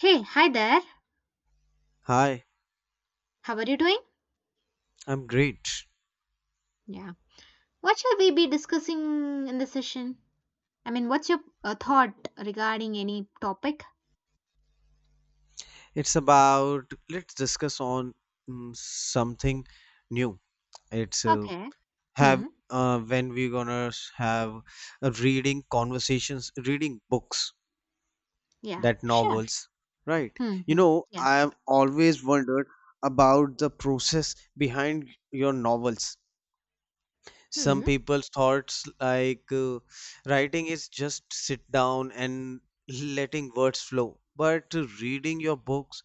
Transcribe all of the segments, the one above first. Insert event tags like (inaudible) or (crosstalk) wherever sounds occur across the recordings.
Hey, hi there. Hi, How are you doing? I'm great. Yeah. What shall we be discussing in this session? I mean, what's your thought regarding any topic? It's about let's discuss on something new. It's Okay. have Hmm. When we're gonna have a reading conversations, reading books, Yeah, that sure. novels, right? Hmm. You Hmm. know, Yeah. I have always wondered about the process behind your novels. Some Hmm. people thoughts like writing is just sit down and letting words flow but reading your books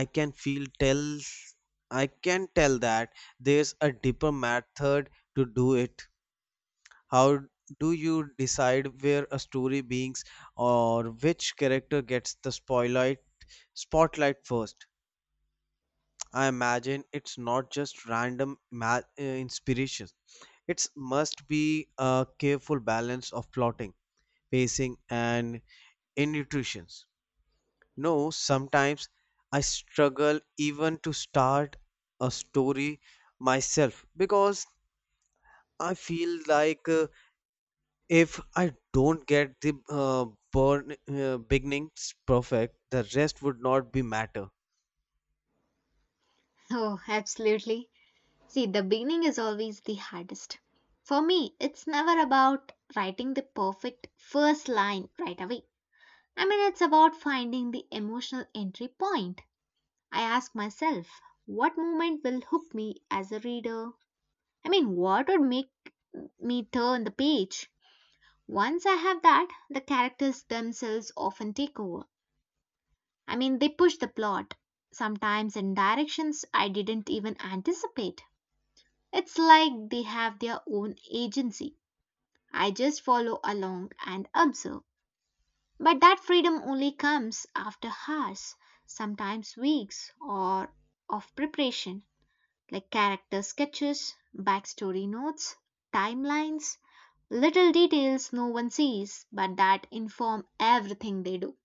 i can feel tell I can tell that there's a deeper method to do it. How do you decide where a story beings or which character gets the spotlight first? I imagine it's not just random inspiration. It's must be a careful balance of plotting, pacing, and intuitions. No, sometimes I struggle even to start a story myself because I feel like if I don't get the uh, burn, beginnings perfect, the rest would not be matter. Oh, absolutely. See, the beginning is always the hardest. For me, it's never about writing the perfect first line right away. I mean, it's about finding the emotional entry point. I ask myself, what moment will hook me as a reader? I mean, what would make me turn the page? Once I have that, the characters themselves often take over. I mean, they push the plot, sometimes in directions I didn't even anticipate. It's like they have their own agency. I just follow along and observe. But that freedom only comes after hours, sometimes weeks, or of preparation. Like character sketches, backstory notes, timelines, little details no one sees but that inform everything they do.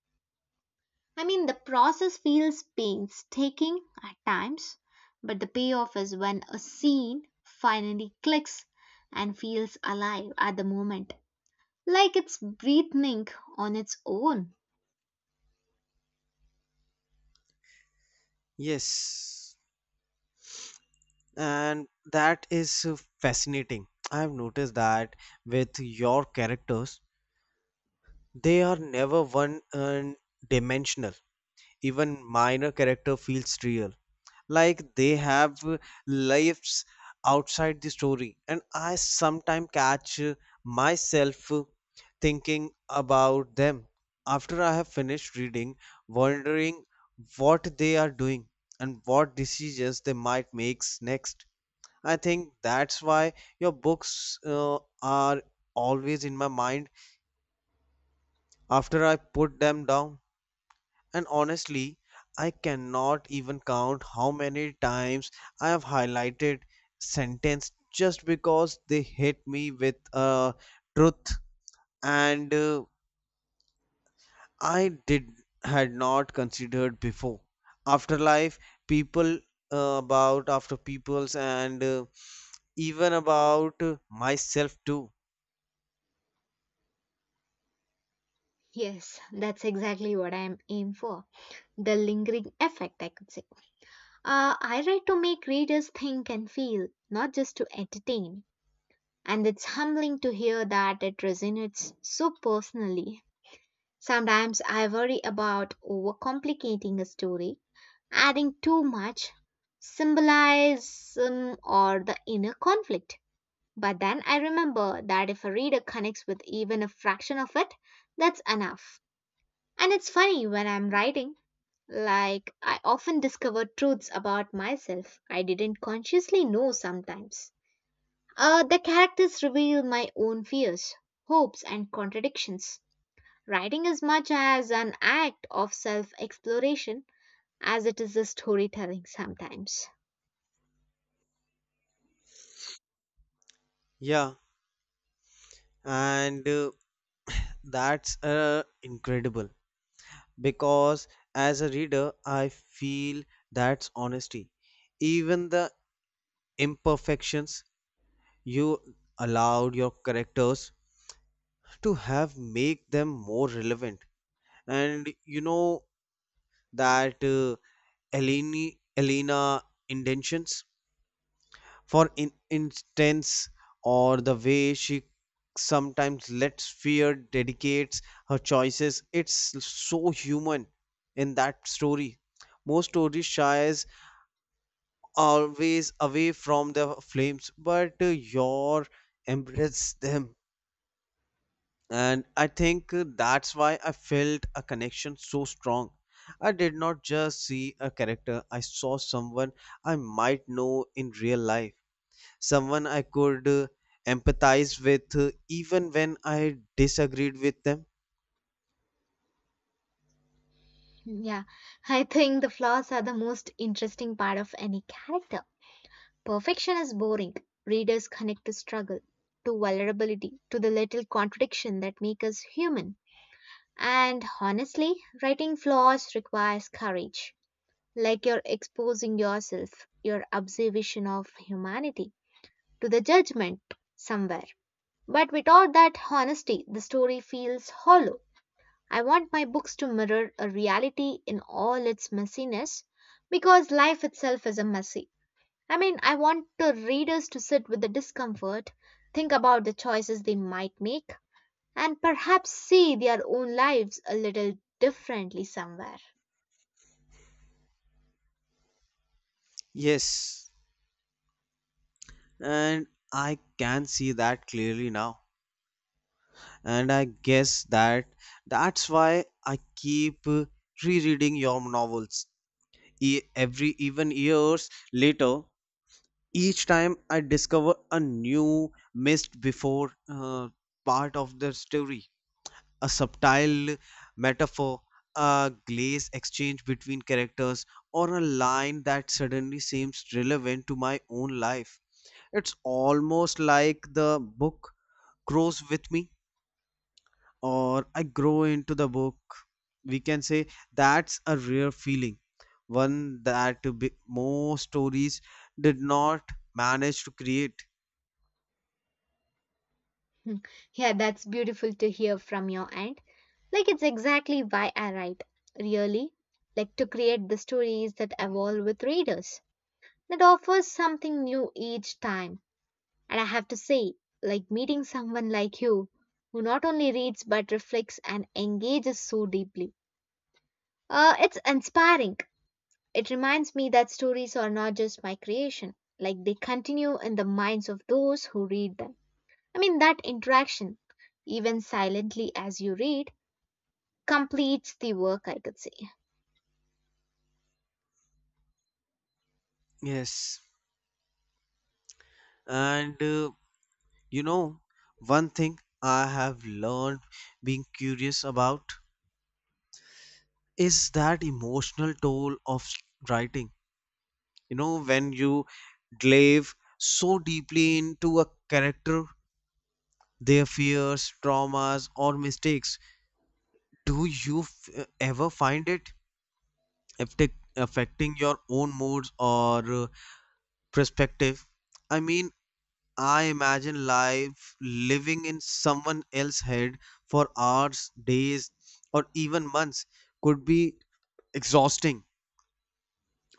I mean, the process feels painstaking at times, but the payoff is when a scene finally clicks and feels alive at the moment, like it's breathing on its own. Yes, and that is fascinating. I've noticed that with your characters. They are never one and dimensional. Even minor character feels real, like they have lives outside the story. And I sometimes catch myself thinking about them after I have finished reading, wondering what they are doing and what decisions they might make next. I think that's why your books are always in my mind after I put them down. And honestly, I cannot even count how many times I have highlighted sentence just because they hit me with a truth and I did had not considered before. Afterlife, people about after peoples and even about myself too. Yes, that's exactly what I'm aiming for. The lingering effect, I could say. I write to make readers think and feel, not just to entertain. And it's humbling to hear that it resonates so personally. Sometimes I worry about overcomplicating a story, adding too much symbolism or the inner conflict. But then I remember that if a reader connects with even a fraction of it, that's enough. And it's funny when I'm writing, like, I often discover truths about myself I didn't consciously know sometimes. The characters reveal my own fears, hopes, and contradictions. Writing is much as an act of self exploration as it is a storytelling sometimes. Yeah, and that's incredible. Because as a reader I feel that's honesty. Even the imperfections you allowed your characters to have make them more relevant. And you know that Elena intentions, for instance, or the way she sometimes lets fear dedicates her choices. It's so human in that story. Most stories shies always away from the flames but your embrace them. And I think that's why I felt a connection so strong. I did not just see a character, I saw someone I might know in real life, someone I could empathize with, even when I disagreed with them. Hmm. Yeah, (laughs) I think the flaws are the most interesting part of any character. Perfection is boring. Readers connect to struggle, to vulnerability, to the little contradiction that make us human. And honestly, writing flaws requires courage. Like you're exposing yourself, your observation of humanity, to the judgment somewhere. But without that honesty, the story feels hollow. I want my books to mirror a reality in all its messiness because life itself is a messy. I mean, I want the readers to sit with the discomfort, think about the choices they might make, and perhaps see their own lives a little differently somewhere. Yes, and I can see that clearly now. And I guess that's why I keep rereading your novels every even years later. Each time I discover a new missed before part of the story, a subtle metaphor, a glaze exchange between characters, or a line that suddenly seems relevant to my own life. It's almost like the book grows with me or I grow into the book, we can say that's a rare feeling, one that most stories did not manage to create. Hmm. Yeah, that's beautiful to hear from your end. Like, it's exactly why I write, really. Like, to create the stories that evolve with readers, that offers something new each time. And I have to say, like, meeting someone like you, who not only reads but reflects and engages so deeply. It's inspiring. It reminds me that stories are not just my creation, like they continue in the minds of those who read them. I mean, that interaction, even silently as you read, completes the work, I could say. Yes, and you know, one thing I have learned being curious about is that emotional toll of writing. You know, when you delve so deeply into a character, their fears, traumas, or mistakes, do you ever find it affecting your own moods or perspective? I mean, I imagine life living in someone else's head for hours, days, or even months could be exhausting.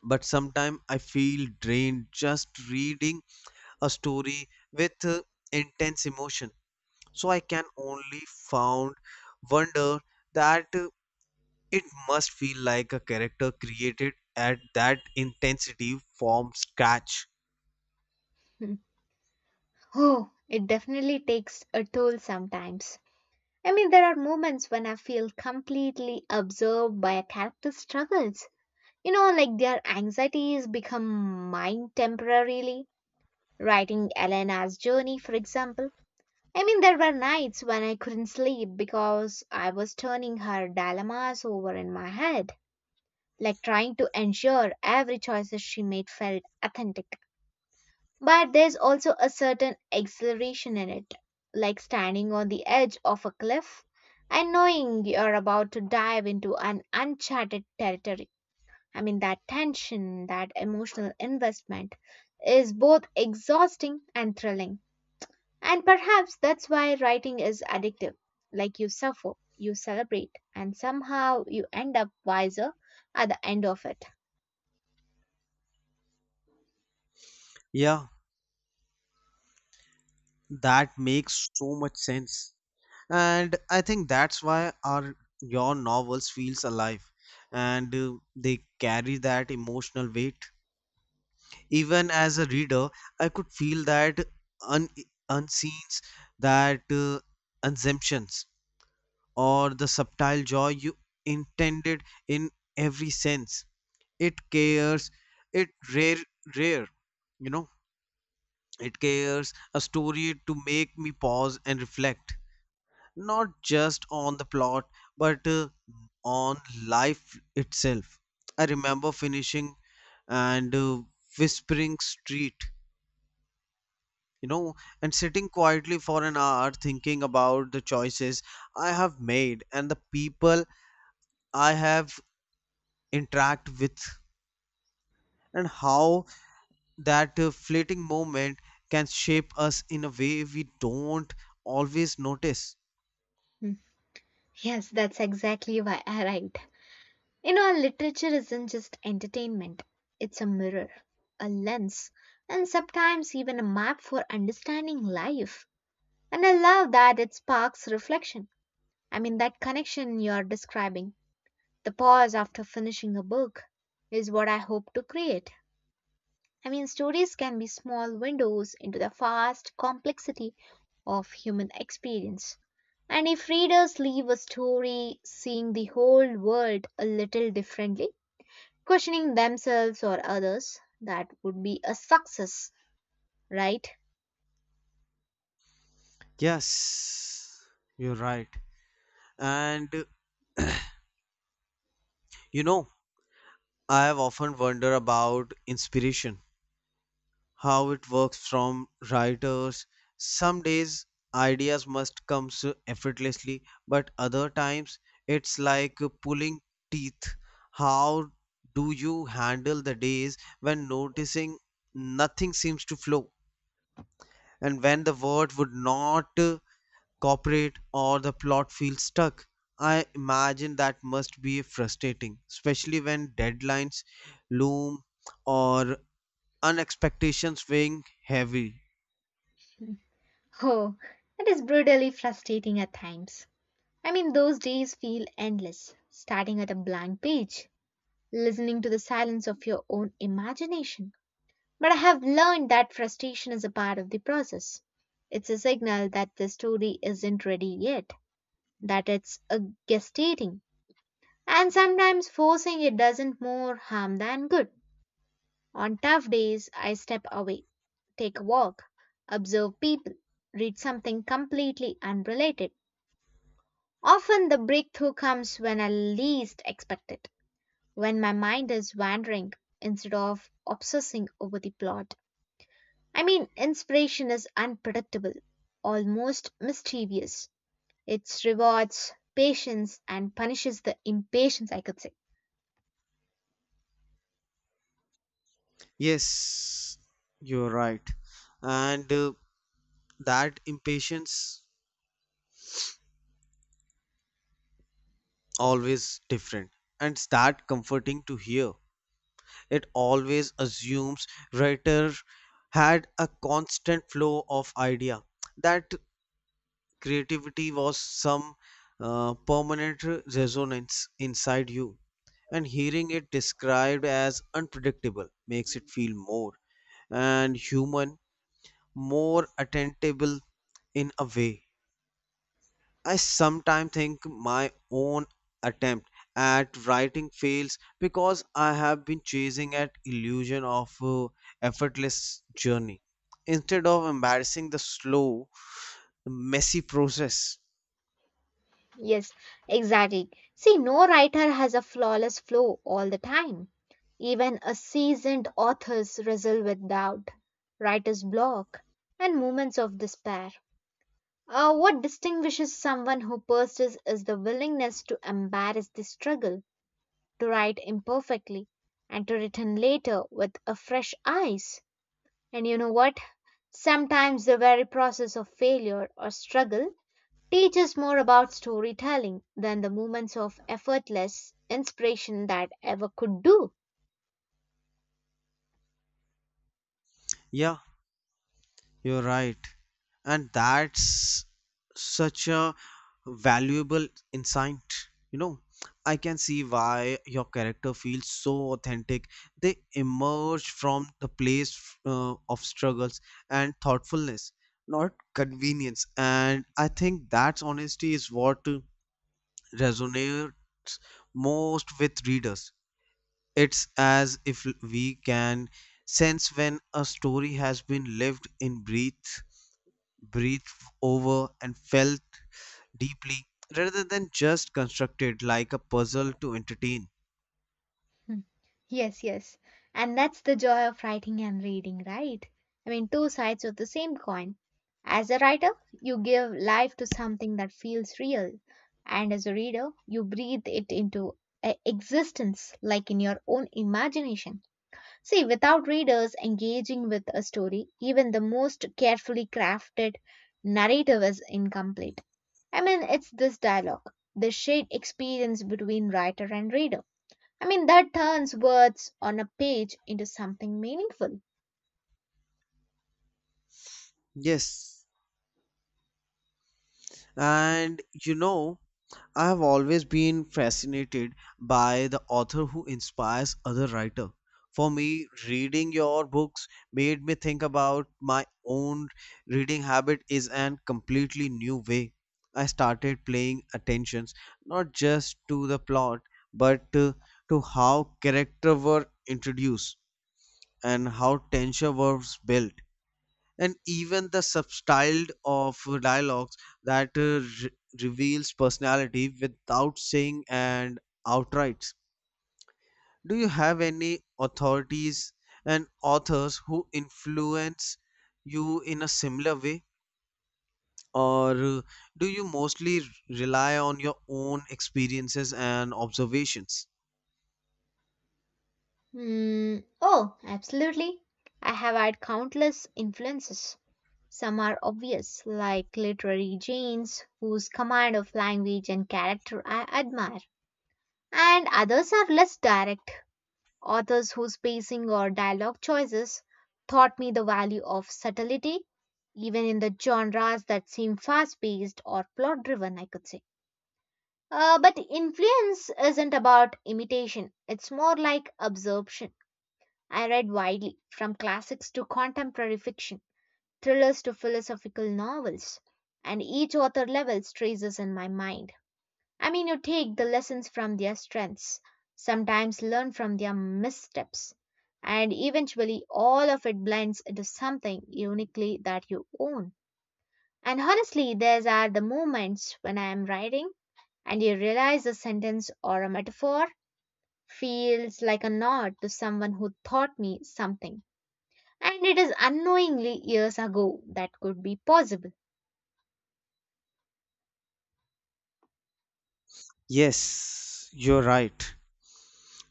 But sometimes I feel drained just reading a story with intense emotion. So I can only found wonder that it must feel like a character created at that intensity from scratch. Hmm. Oh, it definitely takes a toll sometimes. I mean, there are moments when I feel completely absorbed by a character's struggles. You know, like their anxieties become mine temporarily. Writing Elena's journey, for example. I mean, there were nights when I couldn't sleep because I was turning her dilemmas over in my head, like trying to ensure every choice that she made felt authentic. But there's also a certain exhilaration in it, like standing on the edge of a cliff and knowing you're about to dive into an uncharted territory. I mean, that tension, that emotional investment is both exhausting and thrilling. And perhaps that's why writing is addictive. Like you suffer, you celebrate, and somehow you end up wiser at the end of it. Yeah, that makes so much sense. And I think that's why our your novels feels alive and they carry that emotional weight. Even as a reader, I could feel that un- unseens that assumptions or the subtle joy you intended in every sense. It cares it rare, you know, it cares a story to make me pause and reflect, not just on the plot but on life itself. I remember finishing and whispering street, you know, and sitting quietly for an hour thinking about the choices I have made and the people I have interact with and how that fleeting moment can shape us in a way we don't always notice. Hmm. Yes, that's exactly why I write. You know, literature isn't just entertainment, it's a mirror, a lens, and sometimes even a map for understanding life. And I love that it sparks reflection. I mean, that connection you're describing, the pause after finishing a book, is what I hope to create. I mean, stories can be small windows into the vast complexity of human experience. And if readers leave a story seeing the whole world a little differently, questioning themselves or others, that would be a success, right? (laughs) Yes, you're right. And you know, I have often wondered about inspiration, how it works from writers. Some days ideas must come so effortlessly, but other times it's like pulling teeth. How do you handle the days when noticing nothing seems to flow? And when the word would not cooperate or the plot feels stuck. I imagine that must be frustrating especially when deadlines loom or unexpectations weighing heavy. Oh, it is brutally frustrating at times. I mean, those days feel endless, starting at a blank page, listening to the silence of your own imagination. But I have learned that frustration is a part of the process. It's a signal that the story isn't ready yet, that it's a gestating. And sometimes forcing it doesn't more harm than good. On tough days, I step away, take a walk, observe people, read something completely unrelated. Often the breakthrough comes when I least expect it, when my mind is wandering instead of obsessing over the plot. I mean, inspiration is unpredictable, almost mischievous. It rewards patience and punishes the impatience, I could say. Yes, you're right. And that impatience always different. And it's that comforting to hear. It always assumes writer had a constant flow of idea, that creativity was some permanent resonance inside you. And hearing it described as unpredictable makes it feel more and human, more attainable in a way. I sometimes think my own attempt at writing fails because I have been chasing at illusion of effortless journey instead of embarrassing the slow messy process. Yes, exactly. See, no writer has a flawless flow all the time. Even a seasoned author's wrestle with doubt, writer's block, and moments of despair. What distinguishes someone who persists is the willingness to embrace the struggle to write imperfectly and to return later with a fresh eyes. And you know what? Sometimes the very process of failure or struggle teaches more about storytelling than the moments of effortless inspiration that ever could do. Yeah, you're right. And that's such a valuable insight. You know, I can see why your character feels so authentic. They emerge from the place of struggles and thoughtfulness, not convenience. And I think that honesty is what resonates most with readers. It's as if we can sense when a story has been lived in breathed over, and felt deeply rather than just constructed like a puzzle to entertain. Yes, yes. And that's the joy of writing and reading, right? I mean, two sides of the same coin. As a writer, you give life to something that feels real. And as a reader, you breathe it into a existence, like in your own imagination. See, without readers engaging with a story, even the most carefully crafted narrative is incomplete. I mean, it's this dialogue, the shared experience between writer and reader. I mean, that turns words on a page into something meaningful. Yes. And you know, I have always been fascinated by the author who inspires other writer. For me, reading your books made me think about my own reading habit is an completely new way. I started paying attentions not just to the plot but to how character were introduced and how tension was built and even the substyle of dialogues that reveals personality without saying and outright. Do you have any authorities and authors who influence you in a similar way, or do you mostly rely on your own experiences and observations? Hmm. Oh, absolutely. I have had countless influences. Some are obvious, like literary James, whose command of language and character I admire, and others are less direct, authors whose pacing or dialogue choices taught me the value of subtlety, even in the genres that seem fast paced or plot driven, I could say. But influence isn't about imitation, it's more like absorption. I read widely, from classics to contemporary fiction, thrillers to philosophical novels, and each author levels traces in my mind. I mean, you take the lessons from their strengths, sometimes learn from their missteps, and eventually all of it blends into something uniquely that you own. And honestly, these are the moments when I am writing and you realize a sentence or a metaphor feels like a nod to someone who taught me something. And it is unknowingly years ago that could be possible. Yes, you're right,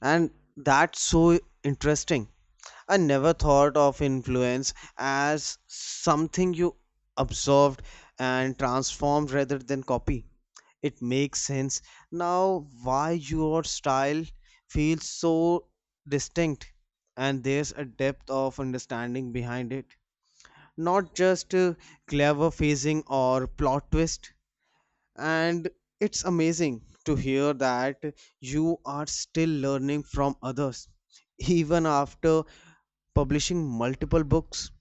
and that's so interesting. I never thought of influence as something you observed and transformed rather than copy. It makes sense now why your style feels so distinct and there's a depth of understanding behind it. Not just clever phasing or plot twist. And it's amazing to hear that you are still learning from others even after publishing multiple books.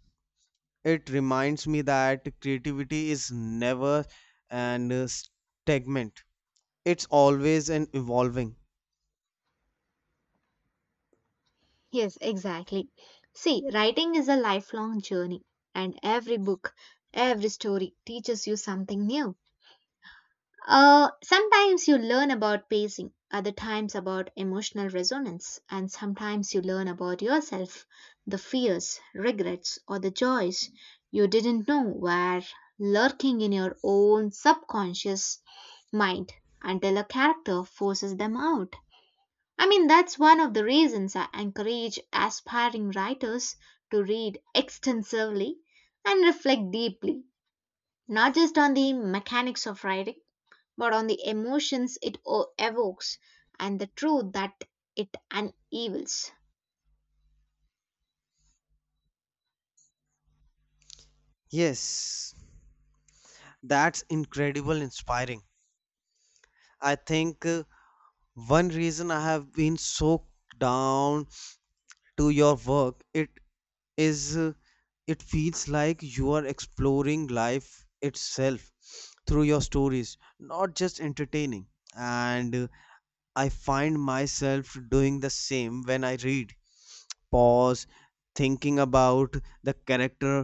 It reminds me that creativity is never an stagnant, it's always an evolving. Yes, exactly. See, writing is a lifelong journey, and every book, every story teaches you something new. Sometimes you learn about pacing, other times about emotional resonance, and sometimes you learn about yourself, the fears, regrets, or the joys you didn't know were lurking in your own subconscious mind until a character forces them out. I mean, that's one of the reasons I encourage aspiring writers to read extensively and reflect deeply, not just on the mechanics of writing but on the emotions it evokes and the truth that it unveils. Yes, that's incredible inspiring. I think one reason I have been so down to your work, it is it feels like you are exploring life itself through your stories, not just entertaining. And I find myself doing the same when I read, pause, thinking about the character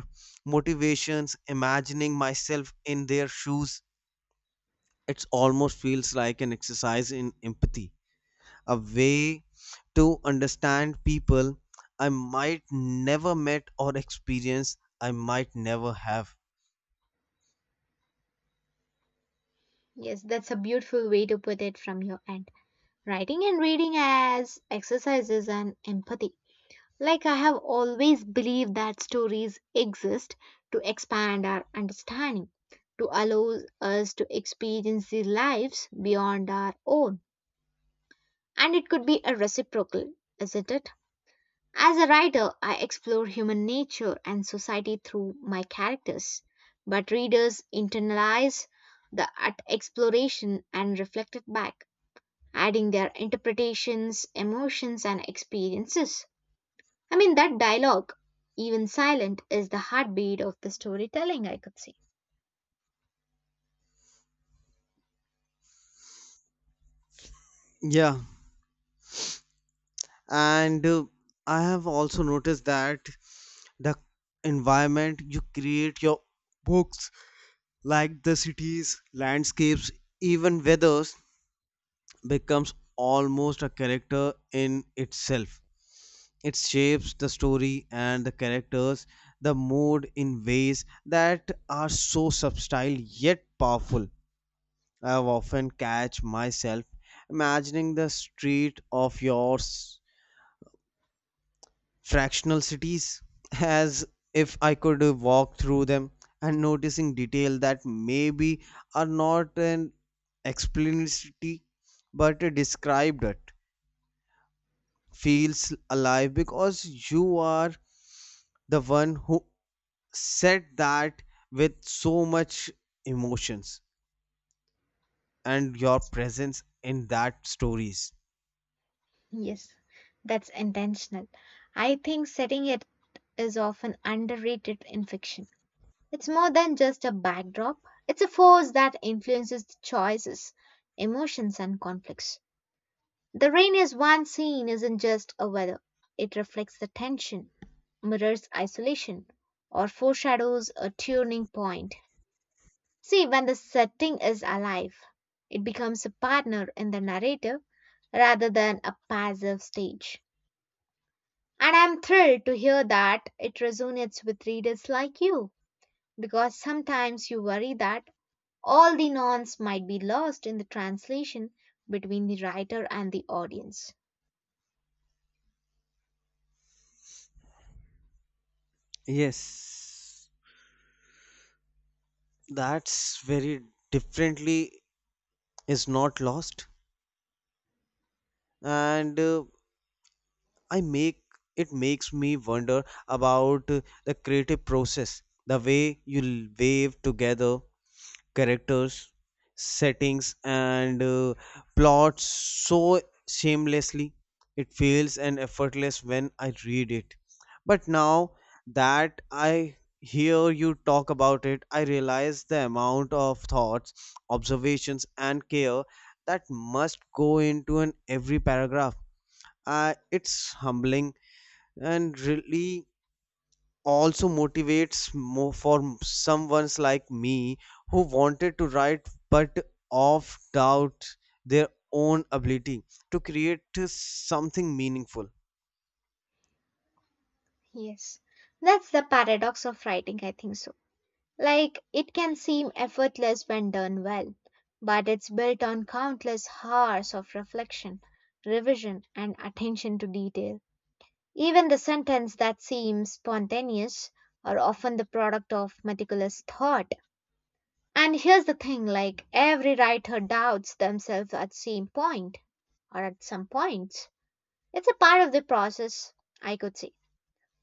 motivations, imagining myself in their shoes. It almost feels like an exercise in empathy, a way to understand people I might never met or experience I might never have. Yes, that's a beautiful way to put it from your end. Writing and reading as exercises and empathy. Like I have always believed that stories exist to expand our understanding, to allow us to experience the lives beyond our own. And it could be a reciprocal, isn't it? As a writer, I explore human nature and society through my characters, but readers internalize the art exploration and reflect it back, adding their interpretations, emotions, and experiences. I mean, that dialogue, even silent, is the heartbeat of the storytelling, I could say. Yeah, and I have also noticed that the environment you create your books, like the cities, landscapes, even weathers, becomes almost a character in itself. It shapes the story and the characters, the mood in ways that are so subtle yet powerful. I have often catch myself imagining the street of your fractional cities as if I could walk through them and noticing detail that maybe are not an explicitly but described it feels alive because you are the one who said that with so much emotions and your presence in that stories. Yes, that's intentional. I think setting it is often underrated in fiction. It's more than just a backdrop, it's a force that influences the choices, emotions, and conflicts. The rain is one scene isn't just a weather, it reflects the tension, mirrors isolation, or foreshadows a turning point. See, when the setting is alive, it becomes a partner in the narrative rather than a passive stage. And I'm thrilled to hear that it resonates with readers like you because sometimes you worry that all the nuance might be lost in the translation between the writer and the audience. Yes, that's very differently is not lost. And I make it makes me wonder about the creative process, the way you wave together characters, settings, and plots so shamelessly. It feels and effortless when I read it. But now that I hear you talk about it, I realize the amount of thoughts, observations, and care that must go into an every paragraph. It's humbling and really also motivates more for someone's like me who wanted to write but of doubt their own ability to create something meaningful. Yes, that's the paradox of writing, I think so. Like, it can seem effortless when done well, but it's built on countless hours of reflection, revision, and attention to detail. Even the sentence that seems spontaneous are often the product of meticulous thought. And here's the thing, like every writer doubts themselves at same point or at some points. It's a part of the process, I could say.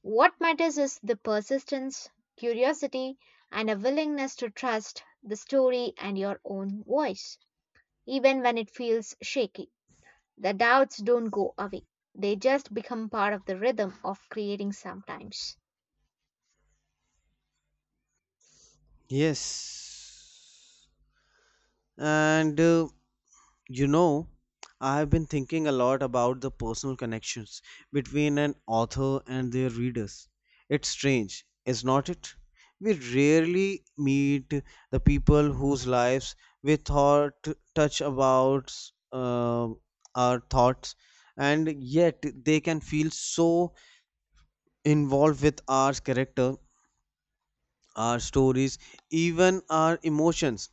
What matters is the persistence, curiosity, and a willingness to trust the story and your own voice, even when it feels shaky. The doubts don't go away. They just become part of the rhythm of creating sometimes. Yes, and you know, I've been thinking a lot about the personal connections between an author and their readers. It's strange, is not it? We rarely meet the people whose lives we thought touch about uh, our thoughts, and yet they can feel so involved with our character, our stories, even our emotions.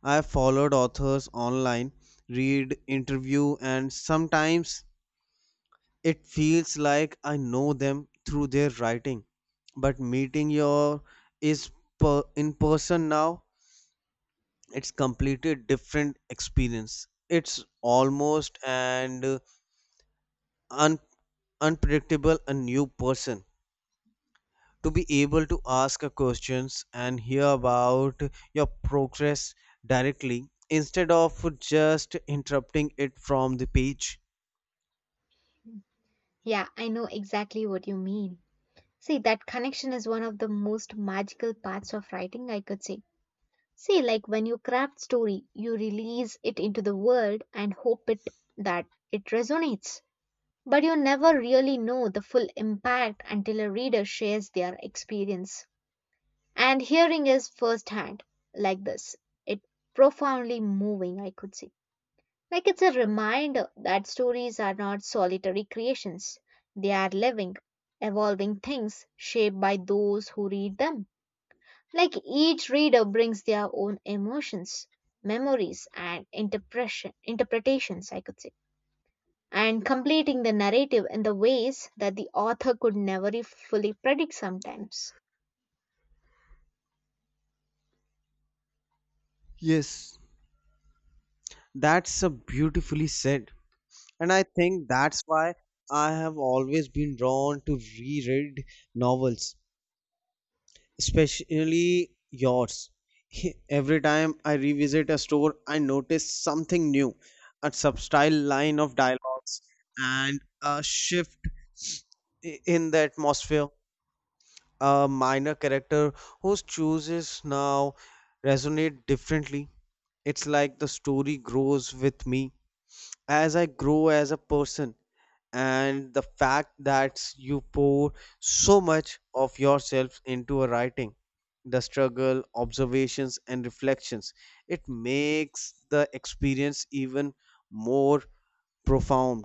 I followed authors online, read interview and sometimes it feels like I know them through their writing. But meeting your is in person now, it's completely different experience. It's almost and un, unpredictable a new person. To be able to ask a questions and hear about your progress directly instead of just interrupting it from the page. Yeah, I know exactly what you mean. See, that connection is one of the most magical parts of writing, I could say. See, like when you craft story, you release it into the world and hope it that it resonates. But you never really know the full impact until a reader shares their experience. And hearing is firsthand, like this. It profoundly moving, I could say. Like it's a reminder that stories are not solitary creations. They are living, evolving things shaped by those who read them. Like each reader brings their own emotions, memories, and interpretations, I could say, and completing the narrative in the ways that the author could never fully predict sometimes. Yes, that's a beautifully said. And I think that's why I have always been drawn to reread novels especially yours. Every time I revisit a store, I notice something new, a subtle line of dialogues, and a shift in the atmosphere. A minor character whose choices now resonate differently. It's like the story grows with me as I grow as a person and the fact that you pour so much of yourself into a writing, the struggle observations and reflections, it makes the experience even more profound.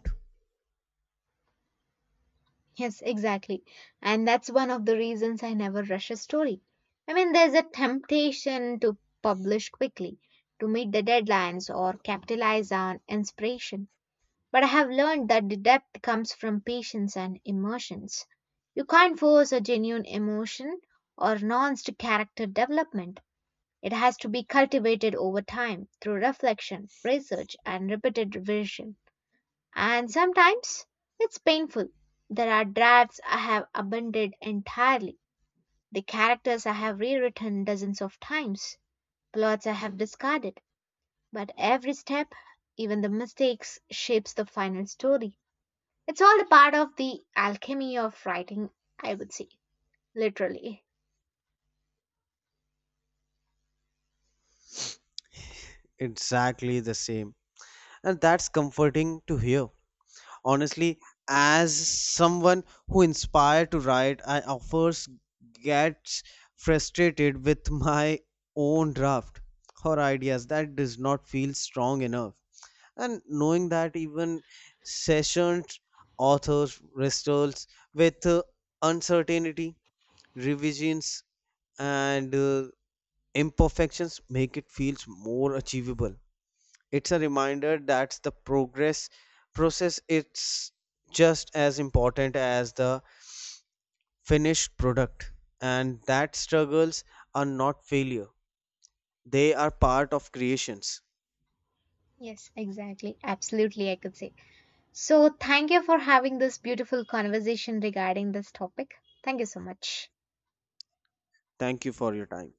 Yes, exactly. And that's one of the reasons I never rush a story. I mean, there's a temptation to publish quickly, to meet the deadlines, or capitalize on inspiration. But I have learned that the depth comes from patience and emotions. You can't force a genuine emotion or nuanced character development. It has to be cultivated over time through reflection, research, and repeated revision. And sometimes it's painful. There are drafts I have abandoned entirely, the characters I have rewritten dozens of times, plots I have discarded. But every step, even the mistakes, shapes the final story. It's all a part of the alchemy of writing, I would say, literally. Exactly the same. And that's comforting to hear. Honestly, as someone who inspired to write, I offers gets frustrated with (laughs) my own draft or ideas that does not feel strong enough. And knowing that even sessioned authors wrestles with uncertainty, revisions, and imperfections make it feels more achievable. It's a reminder that the progress process is just as important as the finished product. And that struggles are not failure, they are part of creations. Yes, exactly. Absolutely, I could say. So, thank you for having this beautiful conversation regarding this topic. Thank you so much. Thank you for your time.